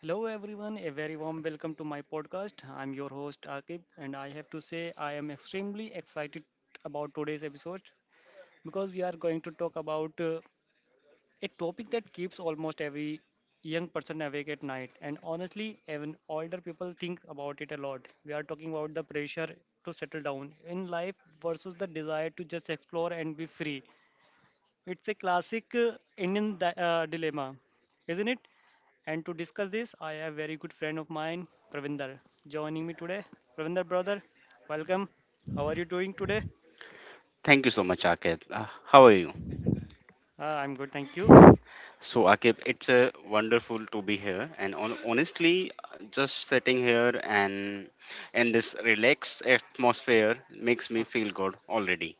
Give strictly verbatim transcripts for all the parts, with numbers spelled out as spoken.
Hello everyone, a very warm welcome to my podcast. I'm your host Akib and I have to say I am extremely excited about today's episode because we are going to talk about uh, a topic that keeps almost every young person awake at night and honestly even older people think about it a lot. We are talking about the pressure to settle down in life versus the desire to just explore and be free. It's a classic uh, Indian di- uh, dilemma, isn't it? And to discuss this, I have very good friend of mine, Pravinder, joining me today. Pravinder, brother, welcome. How are you doing today? Thank you so much, Akib. Uh, how are you? Uh, I'm good, thank you. So, Akib, it's uh, wonderful to be here. And on, honestly, just sitting here and in this relaxed atmosphere makes me feel good already.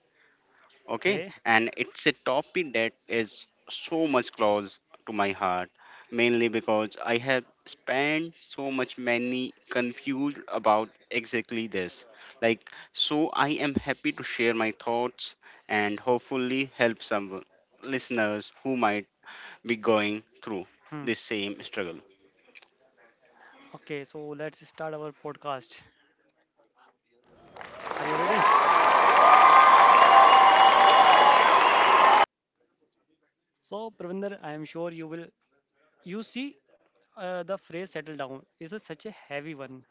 Okay, Okay. and it's a topic that is so much close to my heart, mainly because I have spent so much many confused about exactly this, like, so I am happy to share my thoughts and hopefully help some listeners who might be going through Hmm. this same struggle. Okay, so let's start our podcast. Are you ready? So, Pravinder, I am sure you will. You see, uh, the phrase "settle down" is a, such a heavy one.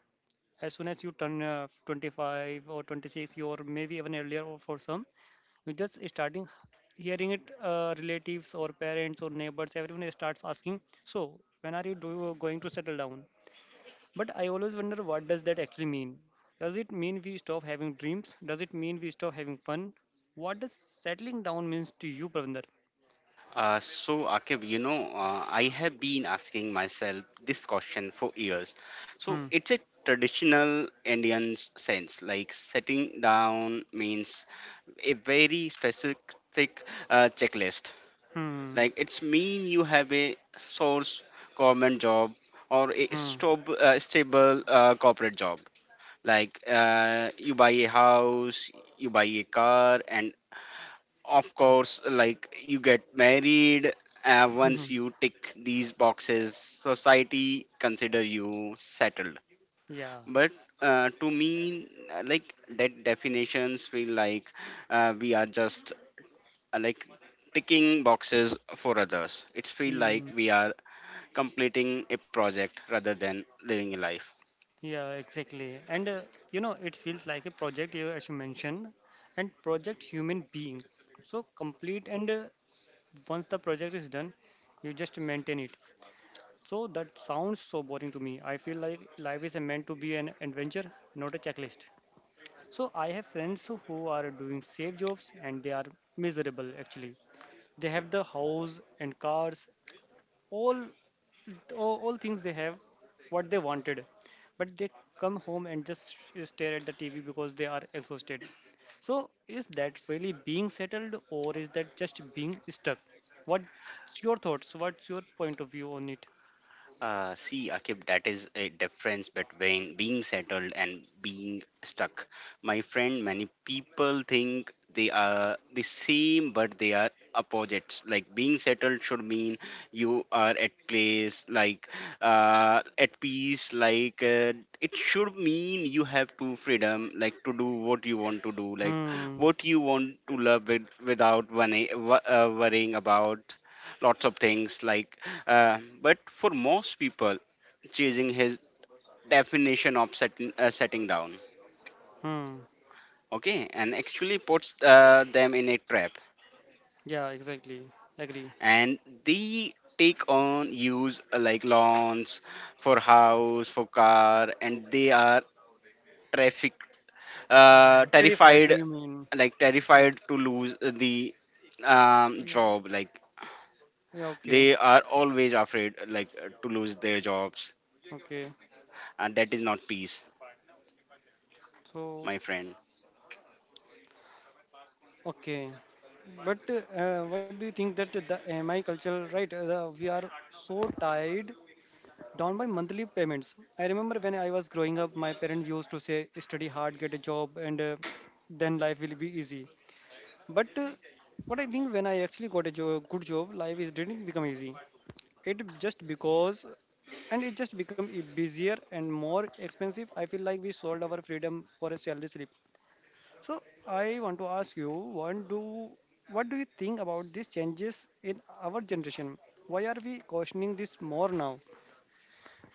As soon as you turn uh, twenty-five or twenty-six, or maybe even earlier or for some, you just starting hearing it uh, relatives or parents or neighbors, everyone starts asking, so when are you do, going to settle down? But I always wonder, what does that actually mean? Does it mean we stop having dreams? Does it mean we stop having fun? What does settling down means to you, Pravinder? Uh, so, Akib, you know, uh, I have been asking myself this question for years. So, Hmm. it's a traditional Indian s- sense, like sitting down means a very specific uh, checklist. Hmm. Like it's mean you have a source government job or a Hmm. stob- uh, stable uh, corporate job. Like, uh, you buy a house, you buy a car, and of course, like, you get married. Uh, hmm. Once you tick these boxes, society consider you settled. Yeah. But, uh, to me, uh, like, that definitions feel like, uh, we are just, uh, like, ticking boxes for others. It's feel like we are completing a project rather than living a life. Yeah, exactly. And uh, you know, it feels like a project, you as you mentioned, and project human being. So complete, and uh, once the project is done, you just maintain it. So that sounds so boring to me. I feel like life is meant to be an adventure, not a checklist. So I have friends who are doing safe jobs and they are miserable actually. They have the house and cars, all all, all things they have, what they wanted, but they come home and just stare at the TV because they are exhausted. So is that really being settled, or is that just being stuck? What's your thoughts? What's your point of view on it? Uh, see, Akib, that is a difference between being settled and being stuck. My friend, many people think they are the same, but they are opposites. Like, being settled should mean you are at place, like, uh, at peace. Like, uh, it should mean you have to freedom, like to do what you want to do, like Hmm. what you want to love with, without worry, uh, worrying about lots of things, like, uh, but for most people chasing his definition of setting, uh, setting down, Hmm. okay, and actually puts uh, them in a trap. Yeah, exactly. Agree. And they take on use, uh, like, lawns for house for car, and they are traffic, uh, Um, Terrified, terrified, do you mean? like, Yeah, terrified to lose the um, job, like yeah. Okay. they are always afraid, like, uh, to lose their jobs. Okay. And that is not peace, So my friend. okay. But uh, what do you think that the mi culture, right? Uh, the, we are so tied down by monthly payments. I remember when I was growing up, my parents used to say, study hard, get a job, and uh, then life will be easy. But uh, what I think, when I actually got a job, good job, life is didn't become easy. It just because, and it just become e- busier and more expensive. I feel like we sold our freedom for a salary slip. So I want to ask you, what do what do you think about these changes in our generation? Why are we cautioning this more now?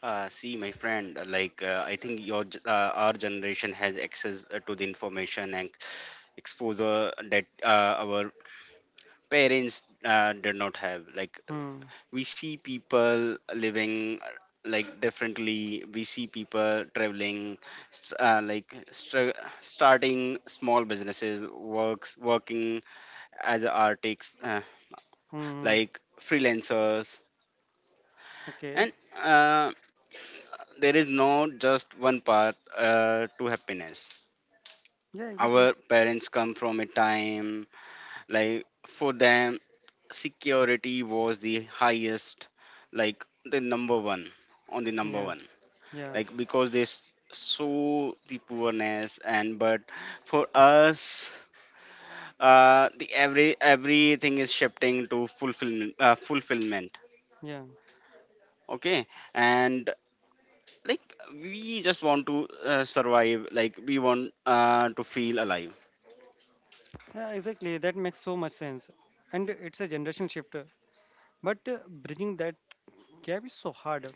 Uh, see, my friend, uh, like, uh, I think your g- uh, our generation has access, uh, to the information and exposure that, uh, our parents, uh, did not have. Like Hmm. we see people living, uh, like, differently. We see people traveling, st- uh, like str- starting small businesses, works, working as artists, uh, Hmm. Hmm. like, freelancers, Okay. and uh, there is no just one path, uh, to happiness. Yeah, exactly. Our parents come from a time, like, for them security was the highest, like, the number one on the number Yeah, one, yeah, like because they s- saw the poorness. And but for us, uh the every everything is shifting to fulfillment uh, fulfillment, yeah. okay. And, like, we just want to, uh, survive, like we want, uh, to feel alive. Yeah, exactly. That makes so much sense. And it's a generation shift. But uh, bridging that gap is so hard.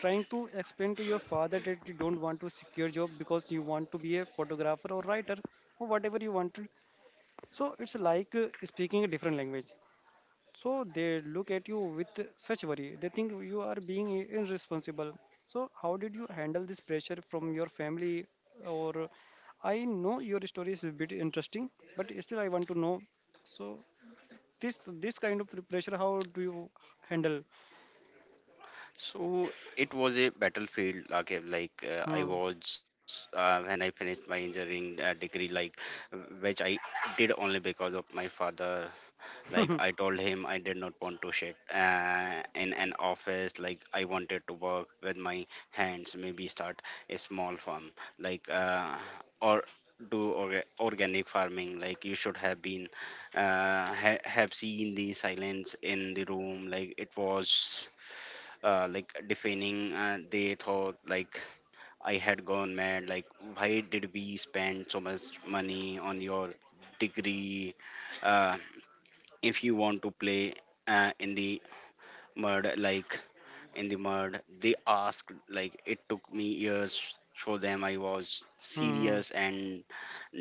Trying to explain to your father that you don't want to secure job because you want to be a photographer or writer or whatever you wanted. So it's like uh, speaking a different language. So they look at you with such worry. They think you are being i- irresponsible. So how did you handle this pressure from your family? Or I know your story is a bit interesting, but still I want to know. So this this kind of pressure, how do you handle? So it was a battlefield. Okay, like, uh, I Hmm. was uh, when I finished my engineering, uh, degree, like, uh, which I did only because of my father. Like I told him I did not want to sit, uh, in an office. Like I wanted to work with my hands. Maybe start a small farm, like, uh, or do orga- organic farming. Like you should have been, uh, ha- have seen the silence in the room. Like it was, uh, like, defining, and they thought like I had gone mad, like, why did we spend so much money on your degree, uh, if you want to play, uh, in the mud, like in the mud they asked. Like, it took me years show them I was Hmm. serious and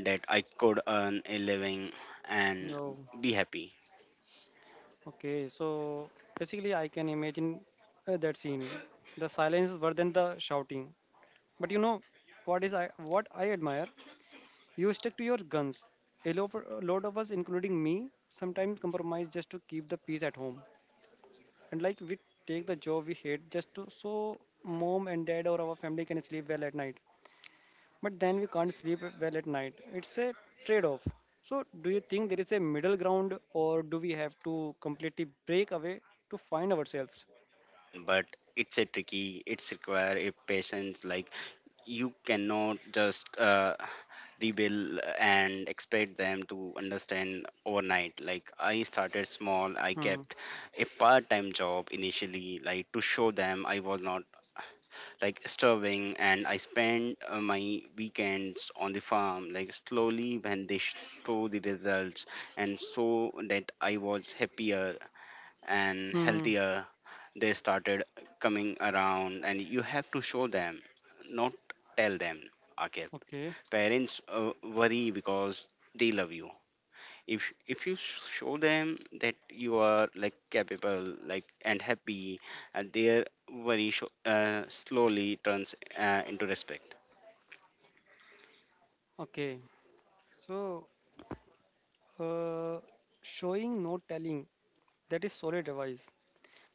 that I could earn a living and Oh, be happy. okay. So basically, I can imagine uh, that scene. The silence were than the shouting. But you know what is I what I admire? You stick to your guns. A lo- a lot of us, including me, sometimes compromise just to keep the peace at home. And like we take the job we hate just to so mom and dad or our family can sleep well at night. But then we can't sleep well at night. It's a trade off. So, do you think there is a middle ground or do we have to completely break Uh, away Okay, to I find think there is a ourselves? middle ground, but it's a tricky. It's require a patience. Like you cannot just, uh, rebuild and expect them to understand overnight. Like I started small. I Hmm. kept a part-time job initially, like to show them I was not like starving, and I spent, uh, my weekends on the farm. Like, slowly, when they sh- saw the results, and saw that I was happier and Hmm. healthier, they started coming around. And you have to show them, not tell them, okay? Okay. Parents, uh, worry because they love you. If if you sh- show them that you are, like, capable, like, and happy, and their worry sho- uh, slowly turns, uh, into respect. Okay. So, uh, showing, not telling, that is solid advice.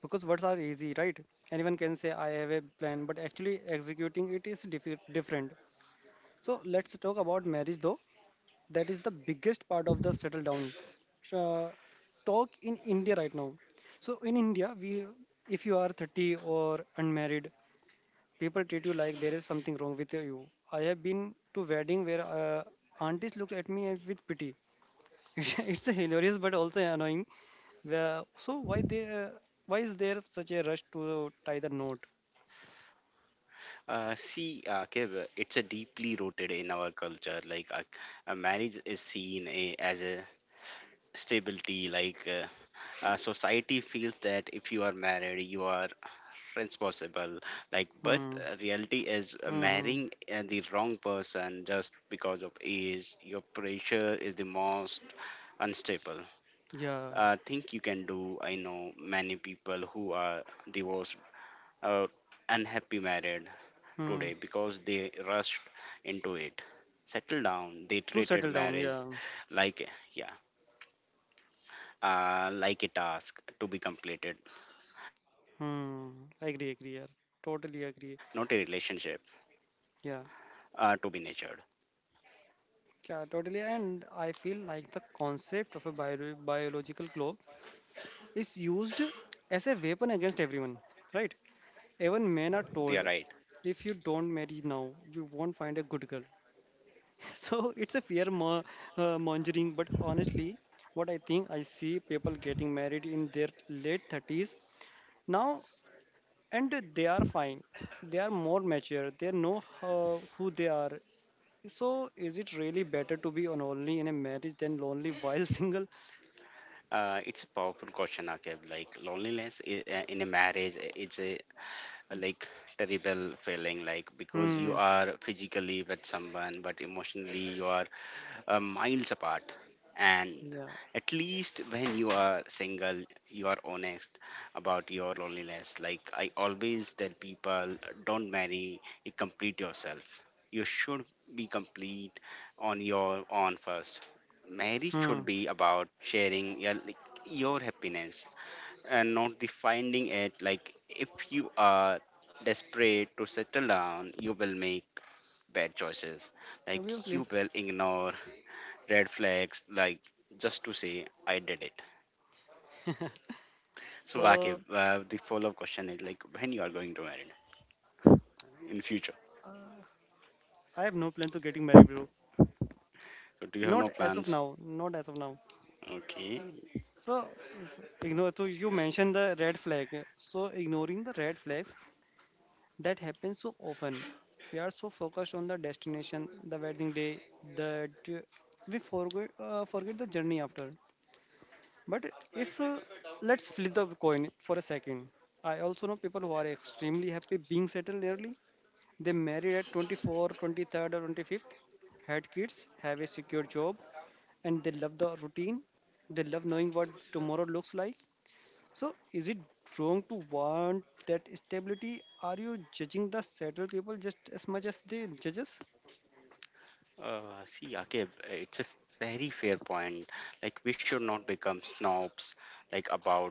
Because words are easy, right? Anyone can say I have a plan, but actually executing it is diffi- different. So let's talk about marriage though. That is the biggest part of the settle down uh, talk in India right now. So in India, we, if you are thirty or unmarried, people treat you like there is something wrong with you. I have been to wedding where uh, aunties looked at me with pity. It's hilarious but also annoying. Where- so why they uh, why is there such a rush to tie the knot? Uh, see, uh, Kev, it's a deeply rooted in our culture, like, uh, a marriage is seen a, as a stability, like, uh, uh, society feels that if you are married you are responsible. Like but, Hmm. uh, reality is, uh, Hmm. marrying, uh, the wrong person just because of age your pressure is the most unstable, Yeah. uh, think you can do. I know many people who are divorced or unhappy married Hmm. today because they rushed into it settle down. They To treated settle down, marriage, yeah. like, yeah, uh, like a task to be completed, not a Hmm. relationship, I agree, agree, yeah. Totally agree. uh, to be nurtured. Yeah, yeah, totally. And I feel like the concept of a bio- biological clock is used as a weapon against everyone, right? Even men You're are right. told, if you don't marry now, you won't find a good girl. So it's a fear mo- uh, mongering. But honestly, what I think, I see people getting married in their late thirties now and they are fine. They are more mature, they know how, who they are. So is it really better to be on only in a marriage than lonely while single? Uh, it's a powerful question, Akib. Like loneliness, i- uh, in a marriage, uh, it's a a, like, terrible feeling. Like because Hmm. you are physically with someone, but emotionally you are, uh, miles apart. And Yeah. at least when you are single, you are honest about your loneliness. Like I always tell people, don't marry a complete yourself. You should be complete on your own first. Marriage should Hmm. be about sharing your, like, your happiness and not defining it. Like if you are desperate to settle down you will make bad choices, like, Obviously. you will ignore red flags, like, just to say I did it. So, Akib, So, uh, the follow-up question is, like, when you are going to marry in future. uh, I have no plan to getting married, bro. So do you have no Not as of plans? now, not as of now. Okay. So, if ignore, so you mentioned the red flag. So, ignoring the red flags that happens so often. We are so focused on the destination, the wedding day, that uh, we forget uh, forget the journey after. But if uh, let's flip the coin for a second. I also know people who are extremely happy being settled early. They married at twenty-four, twenty-third, or twenty-fifth, had kids, have a secure job, and they love the routine. They love knowing what tomorrow looks like. So, is it wrong to want that stability? Are you judging the settled people just as much as they judge us? uh, See, Akib, it's a very fair point. Like we should not become snobs, like, about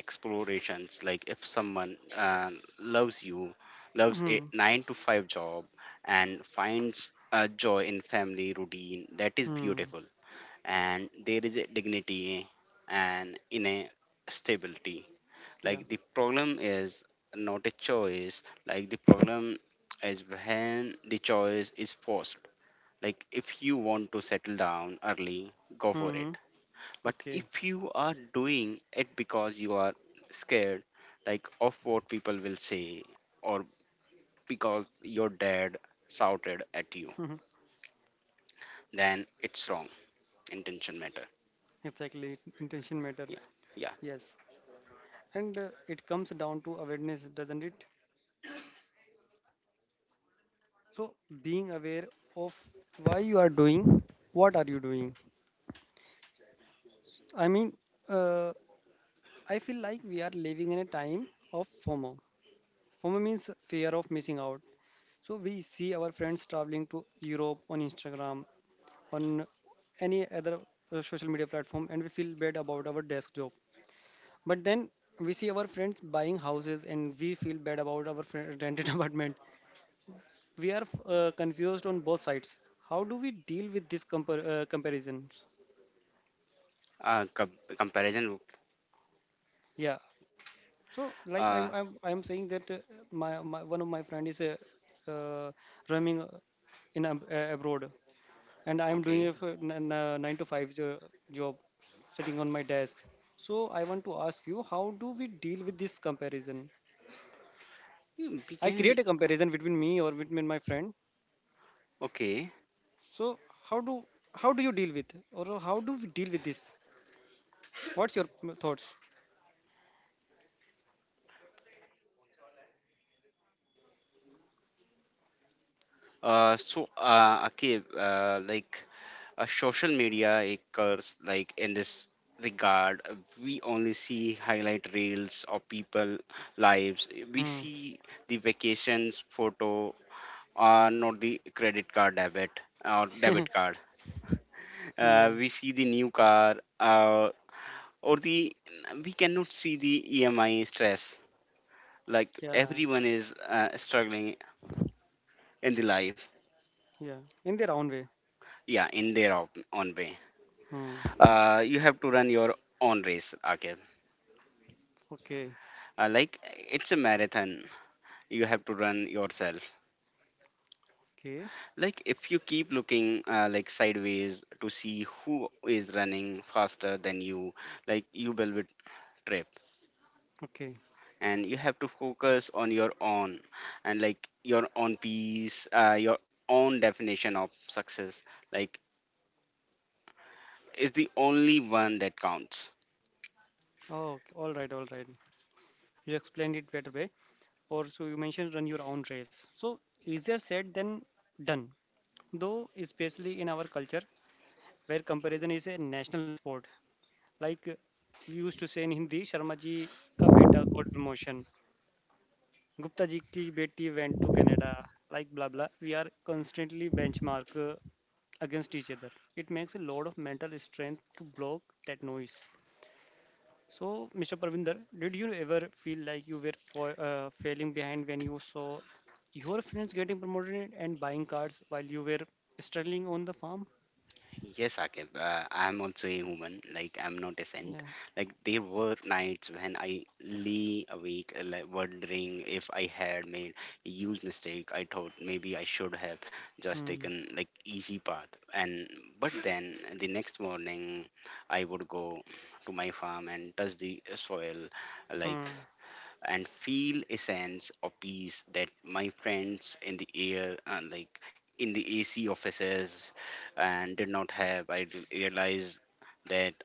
explorations. Like if someone, uh, loves you loves a Hmm. nine to five job and finds a joy in family routine, that is Hmm. beautiful. And there is a dignity, and in a stability. Yeah. Like the problem is not a choice. Like the problem is when the choice is forced. Like if you want to settle down early, go for Hmm. it. But Okay. if you are doing it because you are scared, like, of what people will say, or because your dad shouted at you, then it's wrong. Intention matter. Exactly. Intention matter. Yeah, yeah. Yes. And uh, it comes down to awareness, doesn't it? So, being aware of why you are doing, what are you doing? I mean, uh, I feel like we are living in a time of FOMO. FOMO means fear of missing out. So we see our friends traveling to Europe on Instagram, on any other uh, social media platform, and we feel bad about our desk job. But then we see our friends buying houses, and we feel bad about our fri- rented apartment. We are f- uh, confused on both sides. How do we deal with these compar- uh, comparisons? uh, com- Comparison. Yeah. So like Uh, I'm I'm I'm saying that uh, my, my one of my friend is uh, uh, roaming uh, in ab- uh, abroad, and I'm doing okay. a f- n- n- uh, nine to five jo- job, sitting on my desk. So I want to ask you, how do we deal with this comparison? You I began. create a comparison between me or between my friend. Okay. So how do how do you deal with, or how do we deal with this? What's your m- thoughts? Uh, so, uh, okay. Uh, like, uh, social media, it curse, like, in this regard. Uh, we only see highlight reels of people lives. We Hmm. see the vacations photo, uh, not the credit card debit, or debit card. Yeah, Uh, we see the new car, uh, or the we cannot see the E M I stress. Like yeah, everyone is, uh, struggling in the life. yeah. In their own way. Yeah, in their own, own way. Hmm. Uh, you have to run your own race. Okay, Okay, uh, like it's a marathon, you have to run yourself. okay, Like if you keep looking, uh, like, sideways, to see who is running faster than you, like, you will be tripped. okay. And you have to focus on your own, and, like, your own peace, uh, your own definition of success, like, is the only one that counts. Oh, okay. All right, all right. You explained it better way. Or so you mentioned run your own race. So easier said than done. Though, especially in our culture, where comparison is a national sport, like uh, we used to say in Hindi, Sharma ji ka beta got promotion, Gupta ji ki beti went to Canada, like blah blah. We are constantly benchmark uh, against each other. It makes a lot of mental strength to block that noise. So, Mister Parvinder, did you ever feel like you were fo- uh, failing behind when you saw your friends getting promoted and buying cars while you were struggling on the farm? Yes, Akib, uh, I'm also a woman. Like I'm not a saint. Yeah. Like there were nights when I lay awake, uh, like, wondering if I had made a huge mistake. I thought maybe I should have just Hmm. taken like easy path. And but then the next morning, I would go to my farm and touch the soil, like, Hmm. and feel a sense of peace that my friends in the air, and, like, in the A C offices, and did not have. I re- realized that,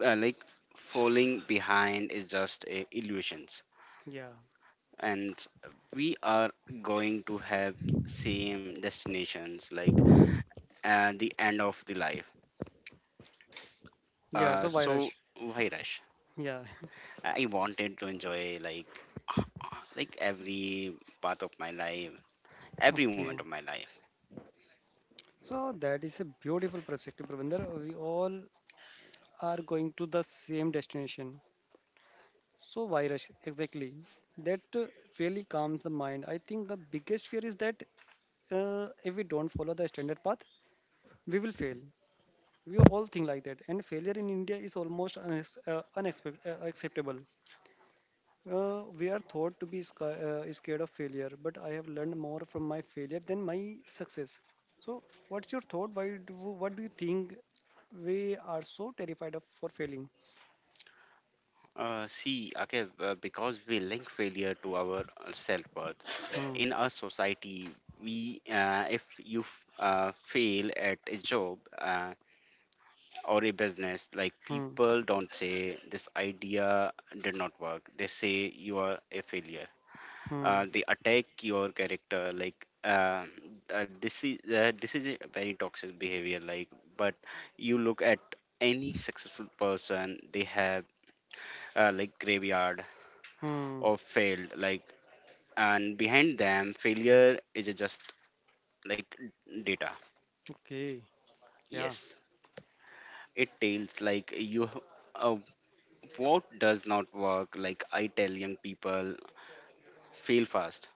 uh, like, falling behind is just a illusions, Yeah, and we are going to have same destinations, like, at the end of the life. yeah. uh, So why So rush? why rush? Yeah, I wanted to enjoy, like, like every part of my life, every okay. moment of my life. So that is a beautiful perspective, Pravinder. We all are going to the same destination. So why rush? Exactly. That uh, really calms the mind. I think the biggest fear is that uh, if we don't follow the standard path, we will fail. We all think like that, and failure in India is almost unex- uh, unexpect- uh, acceptable. Uh, we are thought to be sca- uh, scared of failure, but I have learned more from my failure than my success. So, what's your thought? Why? Do, what do you think we are so terrified of for failing? Uh, see, okay, uh, because we link failure to our self worth Hmm. in our society. We, uh, if you f- uh, fail at a job, uh, or a business, like, Hmm. people don't say this idea did not work. They say you are a failure. Hmm. Uh, they attack your character. Like, uh, uh, this is uh, this is a very toxic behavior. Like, but you look at any successful person, they have, uh, like, graveyard Hmm. or failed, like, and behind them failure is just, like, data. Okay. Yeah. Yes. It tells, like, you, uh, what does not work. Like I tell young people, fail fast,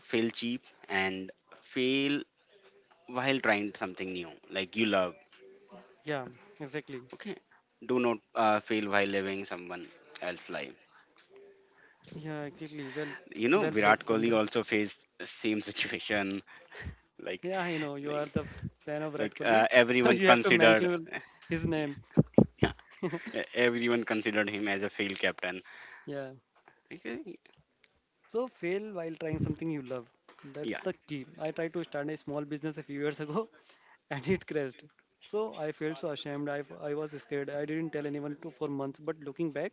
fail cheap, and fail while trying something new, like, you love. Yeah. Exactly. Okay. Do not, uh, fail while living someone else's life. Yeah. Exactly. Well. you know Well said, Virat Kohli Pramdar. also faced same situation, like Yeah, I know you like are the fan of like Virat Kohli, uh, so everyone you have to considered mention his name. e- everyone considered him as a failed captain. Yeah. Okay. So fail while trying something you love. That's Yeah. the key. I tried to start a small business a few years ago and it crashed. So I felt so ashamed. I, I was scared. I didn't tell anyone to, for months. But looking back,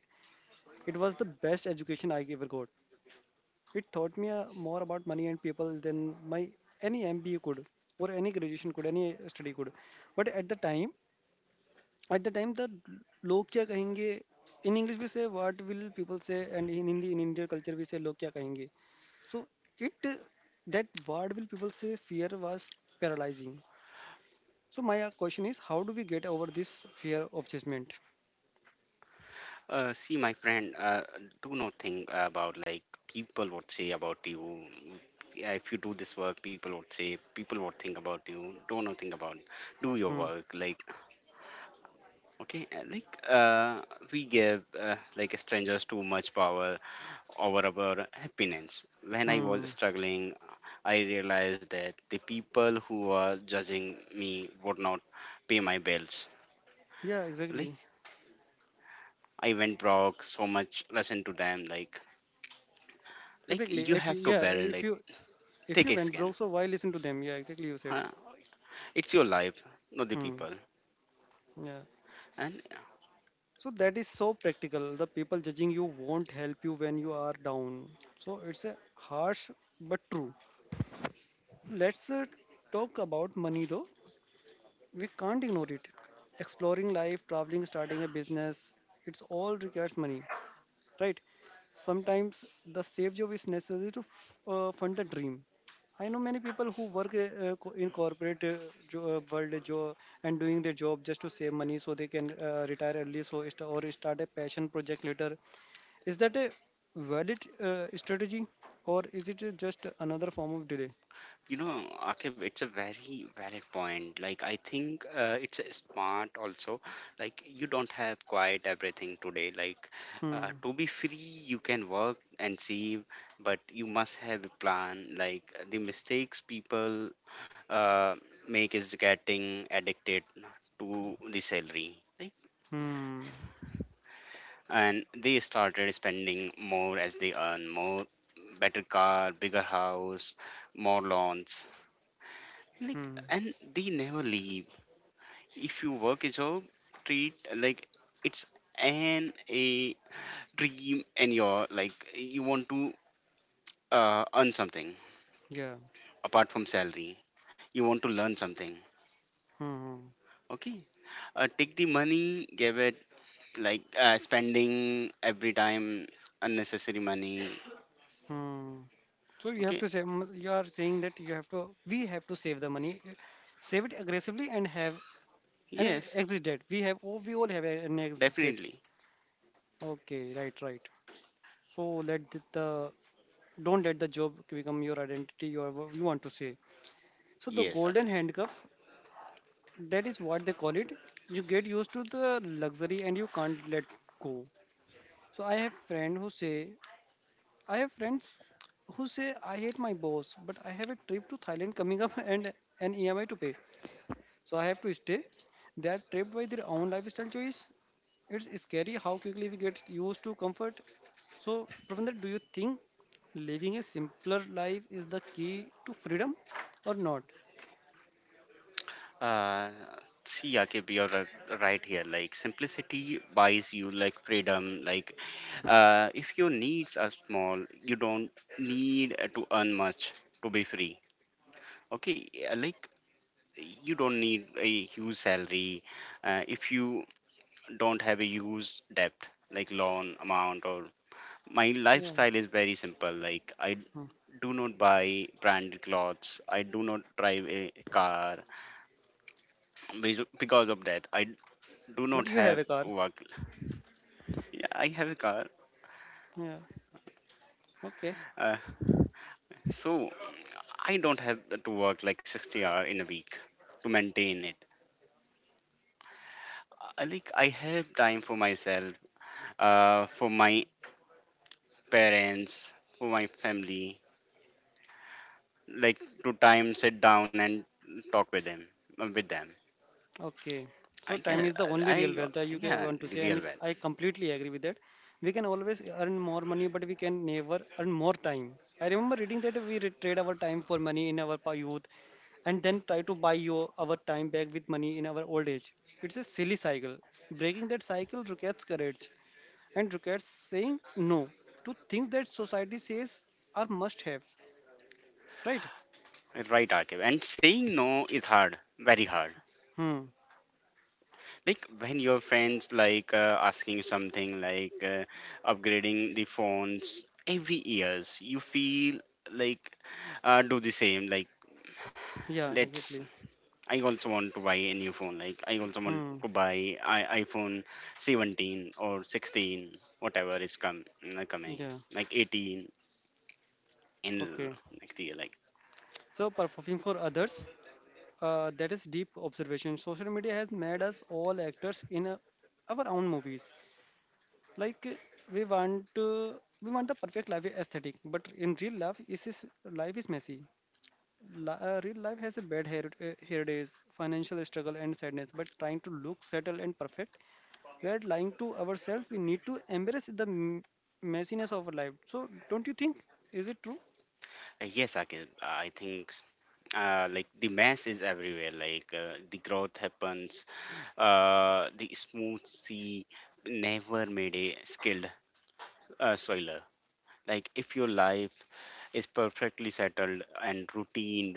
it was the best education I ever got. It taught me uh, more about money and people than my any M B A could, or any graduation could, any study could. But at the time, at the time, the लोग क्या कहेंगे. In English we say what will people say, and in Hindi, in Indian culture we say लोग क्या कहेंगे. So it uh, that word, will people say fear was paralyzing. So my uh, question is, how do we get over this fear of judgment? Uh, see, my friend, uh, do not think about, like, people would say about you. Yeah. If you do this work, people would say, people would think about you. Do not think about. Do your Hmm. work. Like okay, uh, like uh, we give uh, like strangers too much power over our happiness. When I Hmm. was struggling, I realized that the people who are judging me would not pay my bills. Yeah. Like Exactly. I went broke so much lesson to them like like Exactly. you If you have to yeah, build if it, you if take you a went skin, broke, so why listen to them? Yeah. Exactly. You said. huh? It's your life, not the people Hmm. Yeah. and uh, So that is so practical. The people judging you won't help you when you are down. So it's a harsh but true. Let's uh, talk about money though. We can't ignore it. Exploring life, traveling, starting a business, it's all requires money, right? Sometimes the safe job is necessary to f- uh, fund the dream. I know many people who work uh, uh, co- in corporate uh, jo- uh, world uh, jo- and doing their job just to save money, so they can uh, retire early, so st- or start a passion project later. Is that a valid uh, strategy, or is it uh, just another form of delay? you know, Akib, it's a very valid point. Like I think uh, it's a smart also, like you don't have quite everything today like uh, Hmm. to be free. You can work and save, but you must have a plan. Like the mistakes people uh, make is getting addicted to the salary. Like, Hmm. and they started spending more as they earn more, better car, bigger house, more lawns, like, Hmm. and they never leave. If you work a job, treat like it's an a dream, and your like you want to uh, earn something Yeah. apart from salary. You want to learn something. Hmm. Hmm. Okay, uh, take the money, give it, like uh, spending every time unnecessary money. Hmm. So you have Okay. to save. m- You are saying that you have to. We have to save the money, uh, save it aggressively, and have an e- Yes. exit date. We have. Oh, we all have a- an exit date. Definitely. Okay, right, right. So let the the- don't let the job become your identity. Or what you want to say. So the Yes, okay. golden handcuff. That is what they call it. You get used to the luxury and you can't let go. So I have friend who say I have friends who say I hate my boss, but I have a trip to Thailand coming up and an E M I to pay. So I have to stay. They are trapped by their own lifestyle choice. It's scary how quickly we get used to comfort. So, Pravendra, do you think living a simpler life is the key to freedom or not? Uh, See, Akib, you're ri- right here. Like, simplicity buys you like freedom. Like, uh, if your needs are small, you don't need uh, to earn much to be free. Okay, uh, like you don't need a huge salary uh, if you don't have a huge debt, like loan amount or. My Yeah. lifestyle is very simple. Like, I Hmm. do not buy branded clothes. I do not drive a car, because because of that I do But not you have have a car. work. Yeah, I have a car, Yeah. Okay. uh, so I don't have to work like sixty hour in a week to maintain it. I, like I have time for myself, uh, for my parents, for my family, like to time sit down and talk with them, uh, with them. Okay. So I time can, is the only real I, I wealth that you can yeah, want to say, Real and well, I completely agree with that. We can always earn more money, but we can never earn more time. I remember reading that we re- trade our time for money in our pa- youth, and then try to buy your our time back with money in our old age. It's a silly cycle. Breaking that cycle requires courage and requires saying no to things that society says are must-haves. Right? right, Akib. And saying no is hard, very hard. Hmm. Like when your friends like uh, asking you something like uh, upgrading the phones every years, you feel like uh, do the same, like Yeah. let's, Exactly. I also want to buy a new phone, like I also want Hmm. to buy I- iPhone seventeen or sixteen, whatever is come uh, coming, Yeah. like eighteen in l- Okay. next year like So performing for others. Uh, that is deep observation. Social media has made us all actors in uh, our own movies. Like uh, we want to, we want the perfect life aesthetic, but in real life, is is life is messy. Li- uh, real life has a bad hair, uh, hair days, financial struggle, and sadness. But trying to look settled and perfect, we are lying to ourselves. We need to embrace the m- messiness of our life. So, don't you think? Is it true? uh, yes, Akil, I think uh, like the mass is everywhere. Like uh, the growth happens, uh, the smooth sea never made a skilled uh, soiler. Like if your life is perfectly settled and routine,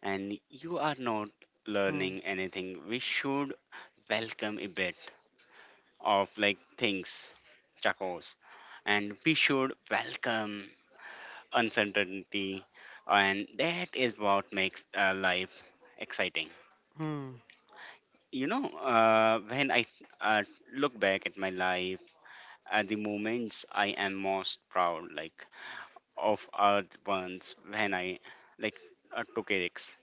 and you are not Hmm. learning anything, we should welcome a bit of like things, chacos, and we should welcome uncertainty, and that is what makes uh, life exciting. Hmm. You know, uh, when I uh, look back at my life, are the moments I am most proud, like of, are the ones when I like uh, took a risk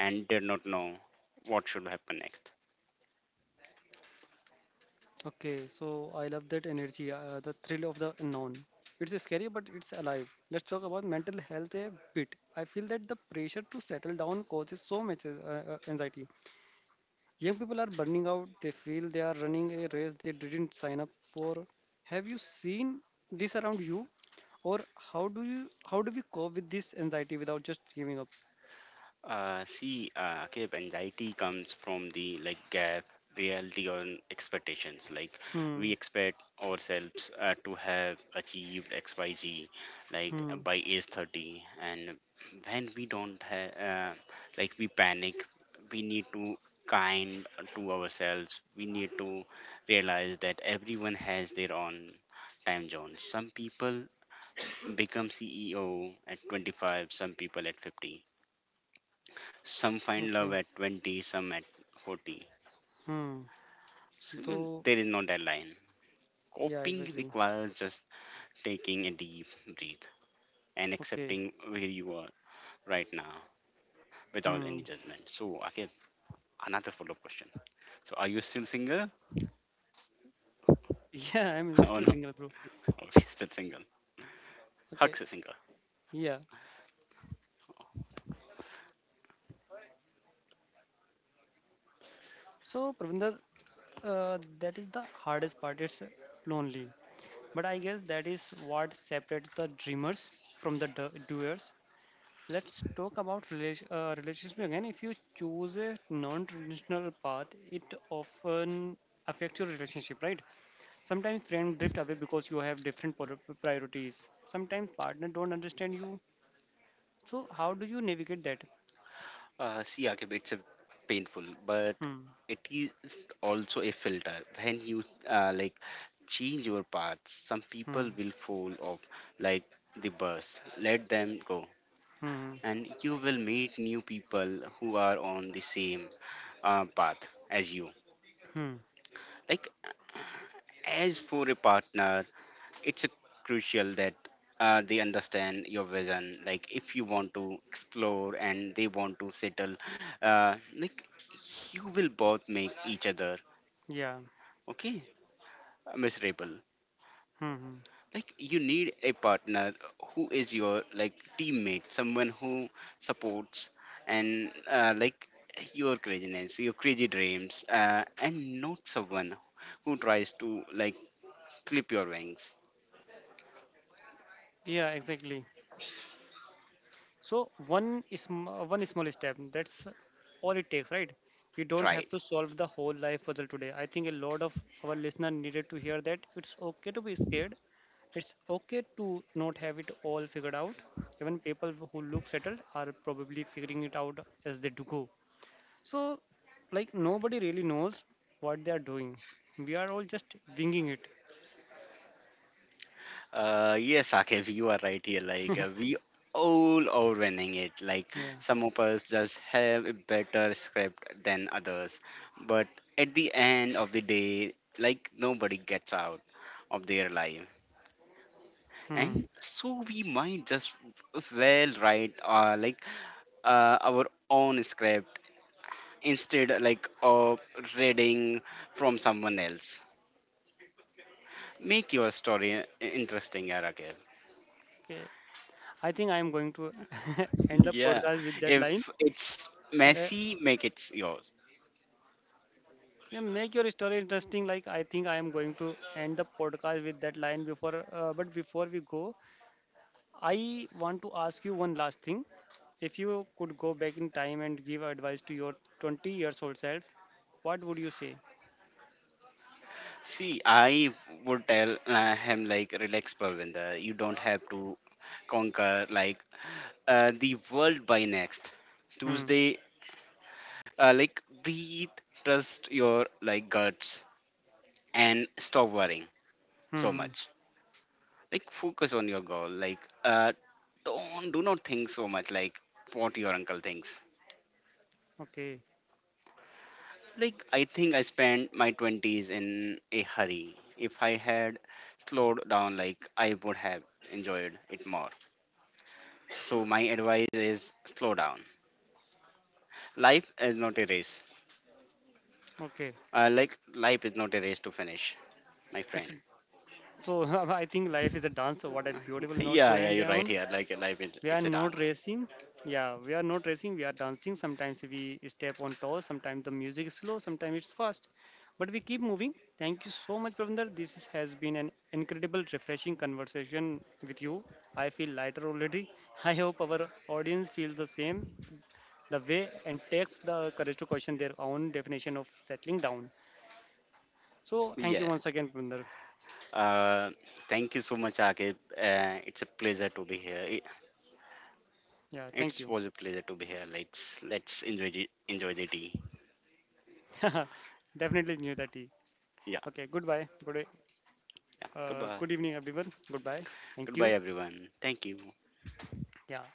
and did not know what should happen next. Okay, so I love that energy, uh, the thrill of the unknown. It's scary, but it's alive. Let's talk about mental health a bit. I feel that the pressure to settle down causes so much uh, uh, anxiety. Young people are burning out, they feel they are running a race they didn't sign up for. Have you seen this around you? Or how do you how do we cope with this anxiety without just giving up? Uh, see, uh, okay, anxiety comes from the like gap, reality on expectations. Like Hmm. we expect ourselves uh, to have achieved X Y Z like Hmm. by age thirty, and when we don't have, uh, like we panic. We need to kind to ourselves. We need to realize that everyone has their own time zone. Some people become C E O at twenty-five, some people at fifty, some find love Okay. at twenty, some at forty. Hmm. So Though there is no deadline. yeah, Coping exactly. requires just taking a deep breath and Okay. accepting where you are right now without any Hmm. judgment. So, again, another follow up question. So, are you still single Yeah, I'm or still no? single, bro. Oh, you're still single. Okay, Hugs is single. yeah. So, Pravinder, uh, that is the hardest part. It's lonely. But I guess that is what separates the dreamers from the do- doers. Let's talk about relation, uh, relationship again. If you choose a non-traditional path, it often affects your relationship, right? Sometimes friends drift away because you have different pol- priorities. Sometimes partner don't understand you. So, how do you navigate that? Uh, see, Akib, it's a painful, but Hmm. it is also a filter. When you uh, like change your path, some Hmm. people will fall off, like the bus. Let them go, Hmm. and you will meet new people who are on the same uh, path as you. Hmm. Like, as for a partner, it's a crucial that uh, they understand your vision. Like if you want to explore and they want to settle uh, like, you will both make each other, Yeah. okay, miserable. Hmm. Hmm. Like you need a partner who is your like teammate, someone who supports and uh, like your craziness, your crazy dreams, uh, and not someone who tries to like clip your wings. Yeah, exactly. So one is one small step. That's all it takes, right? You don't Right. have to solve the whole life puzzle today. I think a lot of our listener needed to hear that it's okay to be scared. It's okay to not have it all figured out. Even people who look settled are probably figuring it out as they do go. So, like nobody really knows what they are doing. We are all just winging it. Uh, yes, Akif, you are right here. Like uh, we all are winning it. Like Yeah. some of us just have a better script than others, but at the end of the day, like nobody gets out of their life, and Hmm. so we might just well write uh, like uh, our own script instead like of reading from someone else. Make your story uh, interesting, Akif. Okay. I think I am going to end the Yeah, podcast with that line. if it's Yeah. messy, make it yours. Yeah, make your story interesting. Like I think I am going to end the podcast with that line before. Uh, but before we go, I want to ask you one last thing. If you could go back in time and give advice to your twenty years old self, what would you say? See, I would tell uh, him like, relax, Parvinder. You don't have to conquer like uh, the world by next Hmm. Tuesday. Uh, like, breathe, trust your like guts, and stop worrying so Hmm. much. Like, focus on your goal. Like, uh, don't, do not think so much like what your uncle thinks. Okay. Like, I think I spent my twenties in a hurry. If I had slowed down, like, I would have enjoyed it more. So, my advice is slow down. Life is not a race. Okay. Uh, like, life is not a race to finish, my It's friend. a, so I think life is a dance. So what a beautiful note to Yeah, yeah, end you're right on. here. Like, life is, We are it's a not dance. racing. Yeah, we are not racing. We are dancing. Sometimes we step on toes. Sometimes the music is slow. Sometimes it's fast. But we keep moving. Thank you so much, Pravinder. This is- has been an incredible, refreshing conversation with you. I feel lighter already. I hope our audience feels the same, the way, and takes the courage to question their own definition of settling down. So, thank Yeah. you once again, Pravinder. Uh, Thank you so much, Akib. Uh, it's a pleasure to be here. It, Yeah, thank it you. was a pleasure to be here. Let's let's enjoy the, enjoy the tea. Definitely knew that. He. Yeah, Okay, goodbye. Good yeah. Uh, Goodbye. good evening, everyone. Goodbye. Thank Goodbye, you. everyone. Thank you. Yeah.